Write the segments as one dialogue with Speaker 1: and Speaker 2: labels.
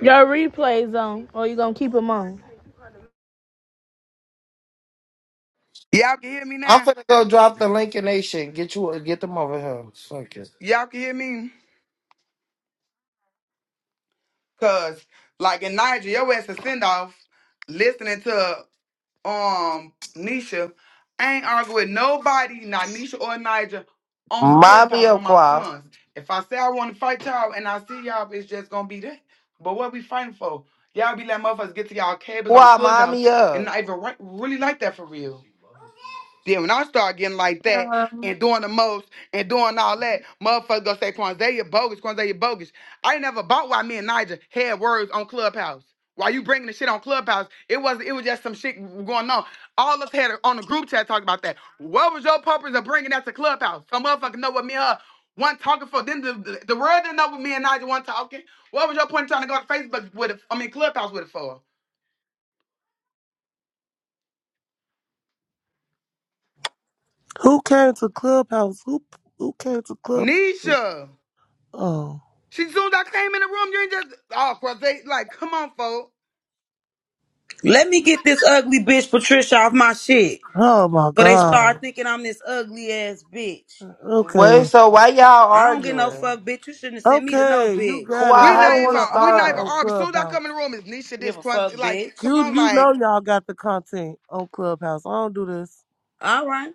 Speaker 1: Your replays on, or you gonna keep them on?
Speaker 2: Y'all can hear me
Speaker 3: I'm
Speaker 2: now?
Speaker 3: finna go drop the link in nation. Get you get them over here. Fuck it.
Speaker 2: Y'all can hear me? Cause like in Niger, your ass a send off listening to um Nisha. I ain't arguing with nobody, not Nisha or Niger, on
Speaker 3: Mind me
Speaker 2: Clubhouse
Speaker 3: up,
Speaker 2: on my
Speaker 3: Qua.
Speaker 2: sons. If I say I want to fight y'all and I see y'all, it's just gonna be that. But what we fighting for? Y'all be letting motherfuckers get to y'all cables on
Speaker 3: Qua, mind
Speaker 2: Clubhouse
Speaker 3: me
Speaker 2: and
Speaker 3: up.
Speaker 2: not even right, really like that for real. Then when I start getting like that and
Speaker 4: Um,
Speaker 2: doing the most and doing all that, motherfuckers gonna say, Quanzaya bogus, Quanzaya bogus. I ain't never bought why me and Niger had words on Clubhouse. Why you bringing the shit on Clubhouse? It wasn't, it was just some shit going on. All of us had on the group chat talking about that. What was your purpose of bringing that to Clubhouse? Some motherfucker know what me and her one talking for. Then the, the, the world didn't know what me and Niger one talking. What was your point in trying to go to Facebook with it? I mean, Clubhouse with it for?
Speaker 5: Who came to Clubhouse? Who who came to Club?
Speaker 2: Nisha.
Speaker 5: Oh,
Speaker 2: She soon as I came in the room, you ain't just oh Quaz, like, come on, folks.
Speaker 6: Let me get this ugly bitch Patricia off my shit.
Speaker 5: oh my
Speaker 6: But they start
Speaker 5: God.
Speaker 6: thinking I'm this ugly ass bitch.
Speaker 5: Okay,
Speaker 3: Wait, so why y'all
Speaker 6: I don't get no
Speaker 3: arguing?
Speaker 6: fuck, bitch. You shouldn't have sent me to no
Speaker 5: okay, you
Speaker 6: bitch.
Speaker 5: got it.
Speaker 3: Qua,
Speaker 2: We
Speaker 5: I
Speaker 3: how
Speaker 2: not
Speaker 5: don't
Speaker 3: did
Speaker 5: want
Speaker 3: it
Speaker 5: to
Speaker 2: even we not
Speaker 5: argue
Speaker 2: even
Speaker 5: on
Speaker 3: start?
Speaker 2: arguing. Soon as I
Speaker 5: Clubhouse.
Speaker 2: come in the room, it's Nisha
Speaker 6: Give
Speaker 2: this
Speaker 6: a
Speaker 2: Quaz
Speaker 6: fuck,
Speaker 2: like,
Speaker 6: bitch.
Speaker 2: come
Speaker 5: You
Speaker 2: on,
Speaker 5: you
Speaker 2: like,
Speaker 5: know y'all got the content on Clubhouse. I don't do this.
Speaker 6: All right.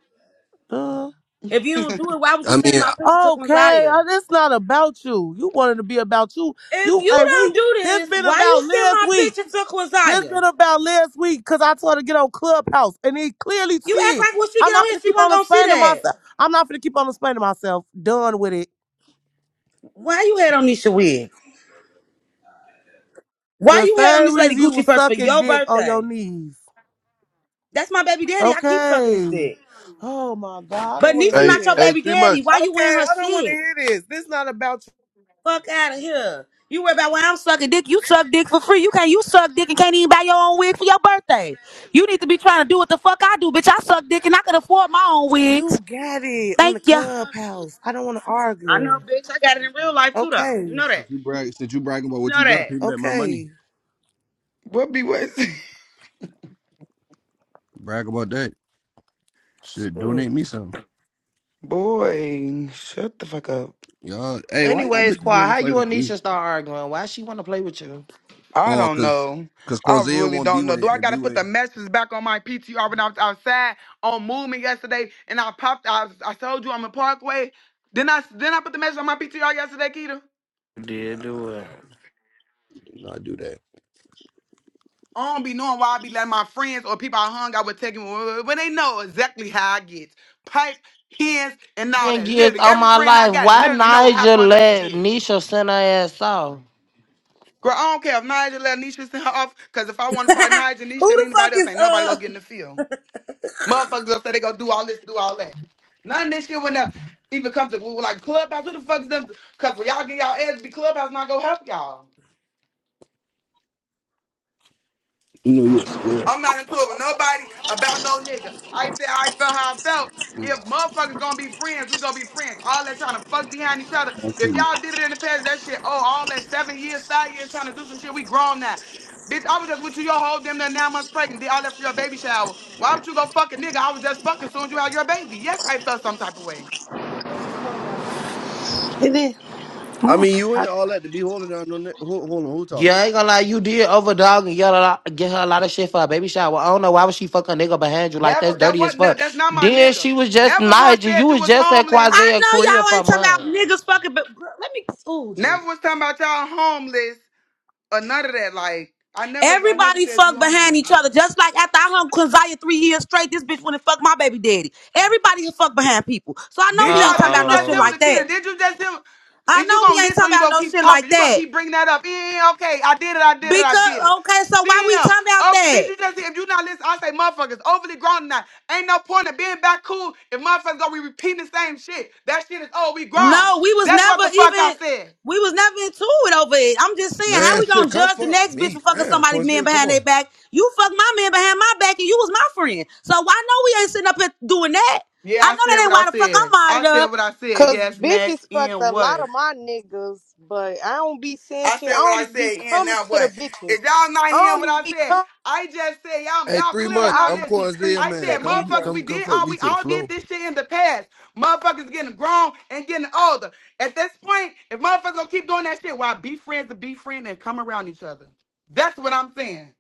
Speaker 5: Duh.
Speaker 6: If you don't do it, why was you
Speaker 7: I mean,
Speaker 6: sending my
Speaker 7: I-
Speaker 6: picture to
Speaker 5: Okay,
Speaker 6: Quinzaya?
Speaker 5: uh, it's not about you. You wanted to be about you.
Speaker 6: If
Speaker 5: You
Speaker 6: you
Speaker 5: hey
Speaker 6: don't
Speaker 5: we
Speaker 6: do
Speaker 5: this
Speaker 6: this,
Speaker 5: been
Speaker 6: why
Speaker 5: about
Speaker 6: you send
Speaker 5: last
Speaker 6: my
Speaker 5: week.
Speaker 6: picture to
Speaker 5: This been
Speaker 6: Quinzaya?
Speaker 5: about last week because I told her to get on Clubhouse and he clearly
Speaker 6: You act
Speaker 5: see it.
Speaker 6: like when she get
Speaker 5: I'm
Speaker 6: on
Speaker 5: not
Speaker 6: here,
Speaker 5: gonna
Speaker 6: she
Speaker 5: keep
Speaker 6: wasn't
Speaker 5: on
Speaker 6: gonna see
Speaker 5: explaining
Speaker 6: that.
Speaker 5: myself. I'm not gonna keep on explaining myself. Done with it.
Speaker 6: Why you had on Nisha wig? Why
Speaker 5: The
Speaker 6: you had on
Speaker 5: same
Speaker 6: this lady
Speaker 5: reason you
Speaker 6: Gucci
Speaker 5: was
Speaker 6: purse for
Speaker 5: sucking
Speaker 6: your
Speaker 5: dick on your
Speaker 6: birthday?
Speaker 5: knees.
Speaker 6: That's my baby daddy. I keep sucking his
Speaker 5: Okay.
Speaker 6: dick.
Speaker 5: Oh my God, I
Speaker 6: But
Speaker 5: don't want to
Speaker 6: Nisha
Speaker 5: hear
Speaker 7: hey,
Speaker 6: not your
Speaker 7: hey,
Speaker 5: this.
Speaker 6: baby
Speaker 7: three
Speaker 6: daddy.
Speaker 7: months.
Speaker 6: Why you in
Speaker 5: Okay,
Speaker 6: her
Speaker 5: I don't want to
Speaker 6: shit?
Speaker 5: hear this. This not about you.
Speaker 6: Fuck out of here. You worry about why I'm sucking dick. You suck dick for free. You can't. You suck dick and can't even buy your own wig for your birthday. You need to be trying to do what the fuck I do, bitch. I suck dick and I can afford my own wigs.
Speaker 5: You got it on the
Speaker 6: Thank ya.
Speaker 5: clubhouse. I don't want to
Speaker 6: I know,
Speaker 5: argue.
Speaker 6: bitch. I got it in real life too, though. You
Speaker 5: Okay.
Speaker 6: know that.
Speaker 7: Since you brag, since you bragging about
Speaker 6: You
Speaker 7: what
Speaker 6: know
Speaker 7: you got,
Speaker 6: that.
Speaker 7: pay me back my money.
Speaker 5: Okay.
Speaker 2: what be what?
Speaker 7: Brag about that. Shit, donate me some.
Speaker 2: Boy, shut the fuck up.
Speaker 7: Y'all, hey, why y'all
Speaker 3: Anyways,
Speaker 7: bitches
Speaker 3: Quad,
Speaker 7: never
Speaker 3: how
Speaker 7: fight
Speaker 3: you
Speaker 7: over
Speaker 3: and
Speaker 7: me?
Speaker 3: Nisha start arguing? Why she wanna play with you?
Speaker 2: I
Speaker 7: Oh,
Speaker 2: don't
Speaker 7: cause,
Speaker 2: know.
Speaker 7: cause
Speaker 2: I
Speaker 7: Corsair
Speaker 2: really
Speaker 7: want B
Speaker 2: don't know.
Speaker 7: way
Speaker 2: Do I
Speaker 7: and B
Speaker 2: gotta put
Speaker 7: way.
Speaker 2: the messages back on my PTR when I was outside on movement yesterday and I popped I, I told you I'm in parkway. Then I then I put the message on my PTR yesterday, Keita.
Speaker 7: Nah,
Speaker 3: Did do it.
Speaker 7: do not do that.
Speaker 2: I don't be knowing why I be letting my friends or people I hung out with take me when they know exactly how I get. Pipe, hens, and all
Speaker 3: And
Speaker 2: that.
Speaker 3: years
Speaker 2: Literally,
Speaker 3: on
Speaker 2: every
Speaker 3: my
Speaker 2: friend I
Speaker 3: life,
Speaker 2: got
Speaker 3: why
Speaker 2: literally know how
Speaker 3: Nigel
Speaker 2: Kwanzaa
Speaker 3: let
Speaker 2: get.
Speaker 3: Nisha send her ass off?
Speaker 2: Girl, I don't care if Nigel let Nisha send her off, because if I want to fight Nigel,
Speaker 6: Who
Speaker 2: Nisha, and
Speaker 6: the fuck
Speaker 2: anybody
Speaker 6: is
Speaker 2: else, ain't nobody
Speaker 6: uh?
Speaker 2: gonna get in the field. Motherfuckers gonna say they gonna do all this, do all that. None of this shit when they even come to like clubhouse. Who the fuck is them? Because when y'all get y'all ass, be clubhouse not gonna help y'all.
Speaker 7: You know you a square.
Speaker 2: I'm not into it with nobody about no nigga. I said I felt how I felt.
Speaker 7: Nah.
Speaker 2: If motherfuckers gonna be friends, we gonna be friends. All that trying to fuck behind each other.
Speaker 7: fuck
Speaker 2: If
Speaker 7: you.
Speaker 2: y'all did it in the past, that shit, oh, all that seven years, five years trying to do some shit, we grown now. Bitch, I was just with you your whole damn near nine months pregnant. Did all that for your baby shower. Why would you go fuck a nigga? I was just fucking soon as you had your baby. Yes, I felt some type of way.
Speaker 8: Amen.
Speaker 7: I mean, you ain't all that to be holding down on that. Hold, hold on, who
Speaker 3: Yeah,
Speaker 7: talking?
Speaker 3: I ain't gonna lie, you did overdog and yell a lot, get her a lot of shit for a baby shower. I don't know why would she fuck a nigga behind you like that's
Speaker 2: Never, that
Speaker 3: dirty as
Speaker 2: wasn't, no,
Speaker 3: fuck.
Speaker 2: that's not my
Speaker 3: Then
Speaker 2: nigga.
Speaker 3: she was just
Speaker 2: Never once
Speaker 3: Nigel. You
Speaker 2: said you
Speaker 3: was
Speaker 2: was
Speaker 3: just at
Speaker 2: homeless.
Speaker 3: Quasia's
Speaker 6: I
Speaker 3: career
Speaker 6: know y'all
Speaker 3: for
Speaker 6: ain't talking
Speaker 3: months.
Speaker 6: about niggas fucking, but girl, let me. Ooh, Jesus.
Speaker 2: Never was talking about y'all homeless. or none of that. Like I never, I never
Speaker 6: Everybody
Speaker 2: said
Speaker 6: fucked
Speaker 2: you
Speaker 6: behind
Speaker 2: homeless.
Speaker 6: each other. Just like after I hung Kazaya three years straight, this bitch went and fuck my baby daddy. Everybody can fuck behind people. So I
Speaker 3: Uh
Speaker 6: know
Speaker 2: Did
Speaker 6: we ain't
Speaker 2: y'all?
Speaker 6: talking
Speaker 2: Did
Speaker 6: about
Speaker 2: you
Speaker 6: no
Speaker 2: just
Speaker 6: shit
Speaker 2: hear
Speaker 3: oh.
Speaker 6: like
Speaker 2: what Akita?
Speaker 6: that.
Speaker 2: Did you just hear?
Speaker 6: I
Speaker 2: Is you
Speaker 6: know
Speaker 2: gonna
Speaker 6: we ain't
Speaker 2: listen or
Speaker 6: talking
Speaker 2: you
Speaker 6: about
Speaker 2: gonna
Speaker 6: no
Speaker 2: keep
Speaker 6: shit like
Speaker 2: talking? You gonna
Speaker 6: that.
Speaker 2: keep bringing that up? Yeah, yeah, okay, I did it, I did it, I
Speaker 6: Because
Speaker 2: did it.
Speaker 6: okay, so why we
Speaker 2: Damn.
Speaker 6: talking about
Speaker 2: Okay,
Speaker 6: that?
Speaker 2: did you just hear? If you not listen, I say motherfuckers overly grown tonight. Ain't no point in being back cool if motherfuckers gonna be repeating the same shit. That shit is oh we grown.
Speaker 6: No, we was
Speaker 2: That's what
Speaker 6: never
Speaker 2: the fuck I
Speaker 6: even
Speaker 2: said.
Speaker 6: we was never into it over it. I'm just saying, how
Speaker 7: Man,
Speaker 6: we
Speaker 7: shit,
Speaker 6: gonna
Speaker 7: come
Speaker 6: judge the
Speaker 7: fuck
Speaker 6: next bitch for
Speaker 7: me.
Speaker 6: fucking
Speaker 7: Damn,
Speaker 6: somebody man
Speaker 7: Corsair, come
Speaker 6: behind their
Speaker 7: on.
Speaker 6: back? You fucked my man behind my back and you was my friend. So I know we ain't sitting up here doing that?
Speaker 2: Yeah,
Speaker 6: I know
Speaker 2: I
Speaker 6: that
Speaker 2: said what
Speaker 6: ain't why
Speaker 2: I
Speaker 6: the fuck
Speaker 2: said.
Speaker 6: I'm
Speaker 2: I
Speaker 6: modded
Speaker 2: said
Speaker 6: up.
Speaker 2: what I said.
Speaker 9: Cause
Speaker 2: Yes, next
Speaker 9: bitches fucked
Speaker 2: and
Speaker 9: a lot
Speaker 2: what?
Speaker 9: of my niggas, but I don't be saying
Speaker 2: I
Speaker 9: shit. I
Speaker 2: said what I
Speaker 9: don't be
Speaker 2: said, and
Speaker 9: coming
Speaker 2: now
Speaker 9: to the
Speaker 2: what?
Speaker 9: bitches.
Speaker 2: If y'all not
Speaker 9: I
Speaker 2: hearing
Speaker 9: don't
Speaker 2: what
Speaker 9: even
Speaker 2: I
Speaker 9: be
Speaker 2: said,
Speaker 9: coming.
Speaker 2: I just said y'all
Speaker 7: Hey,
Speaker 2: y'all
Speaker 7: three
Speaker 2: clearly
Speaker 7: months.
Speaker 9: I
Speaker 2: not
Speaker 7: I'm
Speaker 9: be
Speaker 2: listening.
Speaker 9: treating
Speaker 7: Corsair,
Speaker 2: I
Speaker 7: man.
Speaker 2: said,
Speaker 9: the
Speaker 7: Come,
Speaker 2: motherfuckers,
Speaker 9: niggas.
Speaker 7: come,
Speaker 2: we
Speaker 7: come
Speaker 2: did
Speaker 7: fuck
Speaker 2: all
Speaker 7: me
Speaker 2: we
Speaker 7: to the
Speaker 2: all did
Speaker 7: flow.
Speaker 2: this shit in the past. Motherfuckers getting grown and getting older. At this point, if motherfuckers gonna keep doing that shit, why be friends to be friends and come around each other? That's what I'm saying.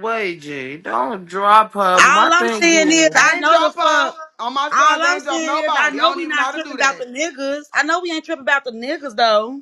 Speaker 3: Wait, G, don't drop her. but My
Speaker 6: All I'm
Speaker 3: thing
Speaker 6: saying is
Speaker 3: is.
Speaker 6: I
Speaker 2: I ain't
Speaker 6: know the
Speaker 2: drop
Speaker 6: fuck.
Speaker 2: off on my
Speaker 6: All
Speaker 2: sons. I
Speaker 6: I'm
Speaker 2: ain't drop
Speaker 6: saying is I
Speaker 2: nobody. I
Speaker 6: know
Speaker 2: don't
Speaker 6: we
Speaker 2: even know
Speaker 6: not
Speaker 2: how to
Speaker 6: tripping
Speaker 2: do
Speaker 6: about the
Speaker 2: that.
Speaker 6: niggas. I know we ain't tripping about the niggas though.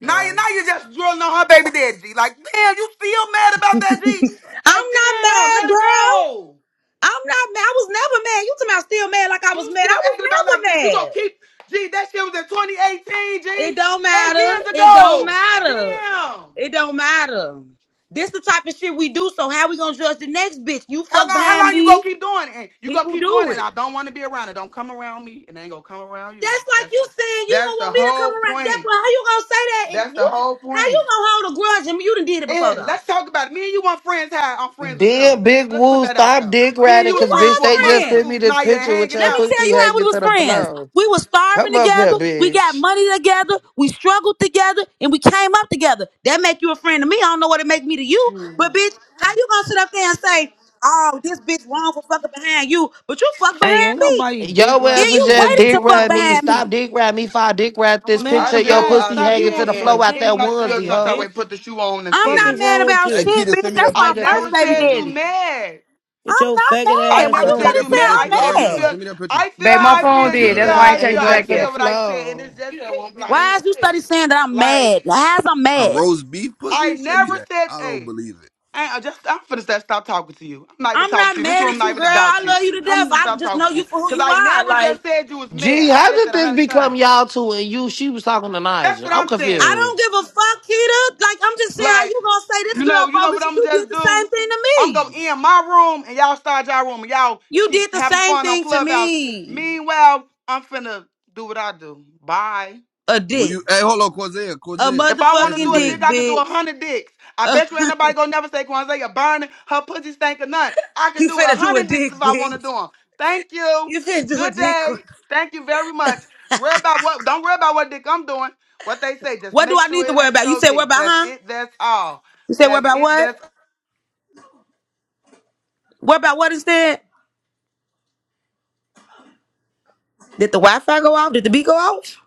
Speaker 2: Now you
Speaker 3: Yeah.
Speaker 2: now you just drilling on her baby dad, G. Like, damn, you still mad about that, G?
Speaker 6: I'm
Speaker 2: Like,
Speaker 6: not
Speaker 2: damn,
Speaker 6: mad,
Speaker 2: let it
Speaker 6: girl.
Speaker 2: go.
Speaker 6: I'm not mad. I was never mad. You talking about still mad like I was
Speaker 2: You
Speaker 6: mad.
Speaker 2: still
Speaker 6: I was
Speaker 2: acting about like this.
Speaker 6: never
Speaker 2: You gonna
Speaker 6: mad.
Speaker 2: keep G, that shit was in 2018,
Speaker 6: It
Speaker 2: G.
Speaker 6: don't
Speaker 2: Eight
Speaker 6: matter.
Speaker 2: years
Speaker 6: It don't
Speaker 2: ago.
Speaker 6: matter.
Speaker 2: Damn.
Speaker 6: It don't matter. This the type of shit we do. So how we gonna judge the next bitch? You
Speaker 2: How
Speaker 6: fuck
Speaker 2: long how
Speaker 6: behind
Speaker 2: long you gonna
Speaker 6: me.
Speaker 2: keep doing it? And You gonna
Speaker 6: People
Speaker 2: keep doing
Speaker 6: do
Speaker 2: it.
Speaker 6: it.
Speaker 2: I don't wanna be around it. Don't come around me and I ain't gonna come around you.
Speaker 6: That's like
Speaker 2: That's
Speaker 6: you saying you
Speaker 2: that's
Speaker 6: don't
Speaker 2: the
Speaker 6: want me to come
Speaker 2: whole
Speaker 6: around. That boy,
Speaker 2: point.
Speaker 6: how you gonna say that? And
Speaker 2: That's the
Speaker 6: you,
Speaker 2: whole
Speaker 6: how you
Speaker 2: point.
Speaker 6: gonna hold a grudge? And you done did it before
Speaker 2: And
Speaker 6: though.
Speaker 2: let's talk about it. Me and you want friends high. I'm friends with
Speaker 3: Then
Speaker 2: them.
Speaker 3: Big
Speaker 2: Let's put
Speaker 3: Woo,
Speaker 2: that out
Speaker 3: stop
Speaker 2: there.
Speaker 3: dick
Speaker 2: Me and
Speaker 3: riding,
Speaker 2: you
Speaker 6: We
Speaker 2: was
Speaker 3: cause
Speaker 2: friends
Speaker 3: bitch,
Speaker 6: was
Speaker 2: for a
Speaker 3: they
Speaker 2: month
Speaker 3: just
Speaker 2: or
Speaker 3: sent me
Speaker 6: friends.
Speaker 2: two,
Speaker 3: this
Speaker 2: now you're
Speaker 3: picture with
Speaker 2: hanging
Speaker 6: Let
Speaker 3: your
Speaker 6: me
Speaker 2: out.
Speaker 6: tell
Speaker 3: pussy
Speaker 6: you how we
Speaker 3: hanging
Speaker 6: was
Speaker 3: to the
Speaker 6: friends.
Speaker 3: floor.
Speaker 6: We was starving
Speaker 3: Come up here,
Speaker 6: together. We got
Speaker 3: bitch.
Speaker 6: money together. We struggled together, and we came up together. That make you a friend to me. I don't know what it make me to you, but bitch, how you gonna sit up there and say, "Oh, this bitch wrong for fucking behind you," but you fuck
Speaker 10: Hey,
Speaker 6: behind
Speaker 10: ain't
Speaker 6: me,
Speaker 10: nobody dick
Speaker 3: Yo
Speaker 6: and
Speaker 3: ass
Speaker 10: around
Speaker 3: was
Speaker 6: you
Speaker 10: your
Speaker 3: just
Speaker 6: waited
Speaker 10: name,
Speaker 6: to
Speaker 3: dick
Speaker 10: boy.
Speaker 6: fuck
Speaker 3: riding me.
Speaker 10: Motherfucker
Speaker 6: behind
Speaker 10: said,
Speaker 3: Stop
Speaker 6: me.
Speaker 3: dick riding me. If I dick ride this
Speaker 2: I
Speaker 3: picture, of
Speaker 10: man,
Speaker 2: said
Speaker 3: your
Speaker 2: what
Speaker 10: bye.
Speaker 2: I
Speaker 3: pussy
Speaker 10: Stop. You
Speaker 3: hanging
Speaker 2: said,
Speaker 3: to
Speaker 10: want
Speaker 3: the
Speaker 10: some
Speaker 2: and
Speaker 3: floor
Speaker 2: if
Speaker 3: out that
Speaker 10: attention, you
Speaker 2: anybody feels
Speaker 3: onesie,
Speaker 10: faggot
Speaker 2: some type of way,
Speaker 3: hoe.
Speaker 10: bitch.
Speaker 2: put the shoe on and
Speaker 6: I'm
Speaker 2: fit
Speaker 10: Fuck
Speaker 6: not
Speaker 10: is
Speaker 2: it.
Speaker 6: mad
Speaker 10: wrong with
Speaker 6: about
Speaker 7: Hey,
Speaker 10: you?
Speaker 6: shit,
Speaker 7: Keita,
Speaker 6: bitch.
Speaker 7: send me that.
Speaker 6: That's
Speaker 3: Me
Speaker 2: I
Speaker 6: my
Speaker 3: the
Speaker 6: first
Speaker 2: never
Speaker 6: baby
Speaker 2: said
Speaker 3: picture.
Speaker 2: you
Speaker 6: daddy.
Speaker 2: mad.
Speaker 10: Get
Speaker 6: I'm
Speaker 10: your
Speaker 6: not
Speaker 10: faggot
Speaker 7: Hey,
Speaker 2: I
Speaker 6: mad. Why
Speaker 10: ass
Speaker 7: Keita,
Speaker 2: never
Speaker 6: you
Speaker 7: send
Speaker 10: on.
Speaker 7: me
Speaker 2: said
Speaker 7: that
Speaker 2: you
Speaker 6: study
Speaker 7: picture
Speaker 6: saying
Speaker 2: mad.
Speaker 7: that you
Speaker 2: I
Speaker 7: got
Speaker 2: said
Speaker 7: right
Speaker 2: you
Speaker 6: I'm
Speaker 7: now.
Speaker 6: mad?
Speaker 2: feel.
Speaker 7: Send me that picture.
Speaker 2: I feel
Speaker 1: Babe, my
Speaker 7: I'm
Speaker 2: how I
Speaker 7: finna
Speaker 1: phone
Speaker 2: feel. You
Speaker 1: did.
Speaker 7: PTR
Speaker 3: Leave
Speaker 2: feel
Speaker 1: That's
Speaker 7: that.
Speaker 1: why
Speaker 2: how
Speaker 1: I
Speaker 3: out
Speaker 1: ain't
Speaker 2: I
Speaker 1: text
Speaker 2: feel.
Speaker 3: ate
Speaker 1: you
Speaker 2: I
Speaker 3: up
Speaker 1: back
Speaker 3: to
Speaker 1: yet.
Speaker 3: the
Speaker 2: said what I said, and
Speaker 3: floor.
Speaker 2: it's just it. Like
Speaker 6: Why is you study
Speaker 2: wait,
Speaker 6: saying that I'm
Speaker 2: like
Speaker 6: mad? Why is I'm
Speaker 7: a
Speaker 6: mad?
Speaker 7: roast beef
Speaker 2: I
Speaker 7: pussy? Send me
Speaker 2: never
Speaker 7: that.
Speaker 2: said.
Speaker 7: I don't
Speaker 2: Hey,
Speaker 7: believe it.
Speaker 2: I I just I'm finna say stop talking to you. I'm not even
Speaker 6: I'm
Speaker 2: talking
Speaker 6: not
Speaker 2: to you. This
Speaker 6: mad
Speaker 2: room
Speaker 6: at
Speaker 2: not
Speaker 6: you,
Speaker 2: even
Speaker 6: girl. I
Speaker 2: about you.
Speaker 6: love you to
Speaker 2: I'm
Speaker 6: death.
Speaker 2: just
Speaker 6: I
Speaker 2: stop
Speaker 6: just
Speaker 2: talking
Speaker 6: know
Speaker 2: to
Speaker 6: you
Speaker 2: you
Speaker 6: for who
Speaker 2: because
Speaker 6: you
Speaker 2: I
Speaker 6: are.
Speaker 2: never
Speaker 6: Like,
Speaker 2: just said you was
Speaker 3: Gee,
Speaker 2: mad. I
Speaker 3: how
Speaker 2: said
Speaker 3: did
Speaker 2: that a
Speaker 3: this
Speaker 2: hundred
Speaker 3: become
Speaker 2: times.
Speaker 3: y'all two and you? She was talking to
Speaker 2: That's
Speaker 3: Nigel.
Speaker 2: what
Speaker 3: I'm
Speaker 2: I'm
Speaker 6: I
Speaker 2: saying.
Speaker 3: confused.
Speaker 6: don't give a fuck, Keita. Like, I'm just saying how
Speaker 2: Like,
Speaker 6: you gonna say this
Speaker 2: you know,
Speaker 6: girl
Speaker 2: you know what
Speaker 6: bogus.
Speaker 2: I'm gonna
Speaker 6: You did
Speaker 2: just
Speaker 6: the same
Speaker 2: do?
Speaker 6: thing to
Speaker 2: I'm
Speaker 6: me.
Speaker 2: gonna end my room and y'all start y'all room and y'all
Speaker 6: You
Speaker 2: keep
Speaker 6: did the
Speaker 2: having
Speaker 6: same
Speaker 2: fun on
Speaker 6: thing to
Speaker 2: Clubhouse.
Speaker 6: me.
Speaker 2: Meanwhile, I'm finna do what I do. Bye.
Speaker 6: A
Speaker 7: Will
Speaker 6: dick.
Speaker 7: you? Hey, hold on, Corsair.
Speaker 6: A
Speaker 7: Corsair.
Speaker 2: If I want
Speaker 7: Guess
Speaker 2: to
Speaker 7: his
Speaker 6: motherfucking
Speaker 2: do a
Speaker 7: wave.
Speaker 6: dick,
Speaker 2: dick, I can do a
Speaker 6: bitch.
Speaker 2: hundred dicks. I
Speaker 6: Uh,
Speaker 2: bet you ain't nobody gonna never say Kwanzaa burning her pussy stank or nothing. I can
Speaker 6: you
Speaker 2: do a
Speaker 6: finna do a
Speaker 2: hundred dicks
Speaker 6: dick,
Speaker 2: if I want to
Speaker 6: bitch.
Speaker 2: do them. Thank you.
Speaker 6: You finna do a
Speaker 2: Good
Speaker 6: dick.
Speaker 2: day. Thank you very much. Worry about what? Don't worry about what dick I'm doing. What they say, just
Speaker 6: What do
Speaker 2: make
Speaker 6: I
Speaker 2: sure
Speaker 6: need to
Speaker 2: it
Speaker 6: worry
Speaker 2: ain't
Speaker 6: about? You
Speaker 2: your
Speaker 6: said worry
Speaker 2: dick.
Speaker 6: about,
Speaker 2: That's
Speaker 6: huh?
Speaker 2: it. That's all.
Speaker 6: You said worry
Speaker 2: That's
Speaker 6: about
Speaker 2: it.
Speaker 6: what?
Speaker 2: That's
Speaker 6: What about what is that? Did the Wi Fi go off? Did the beat go off?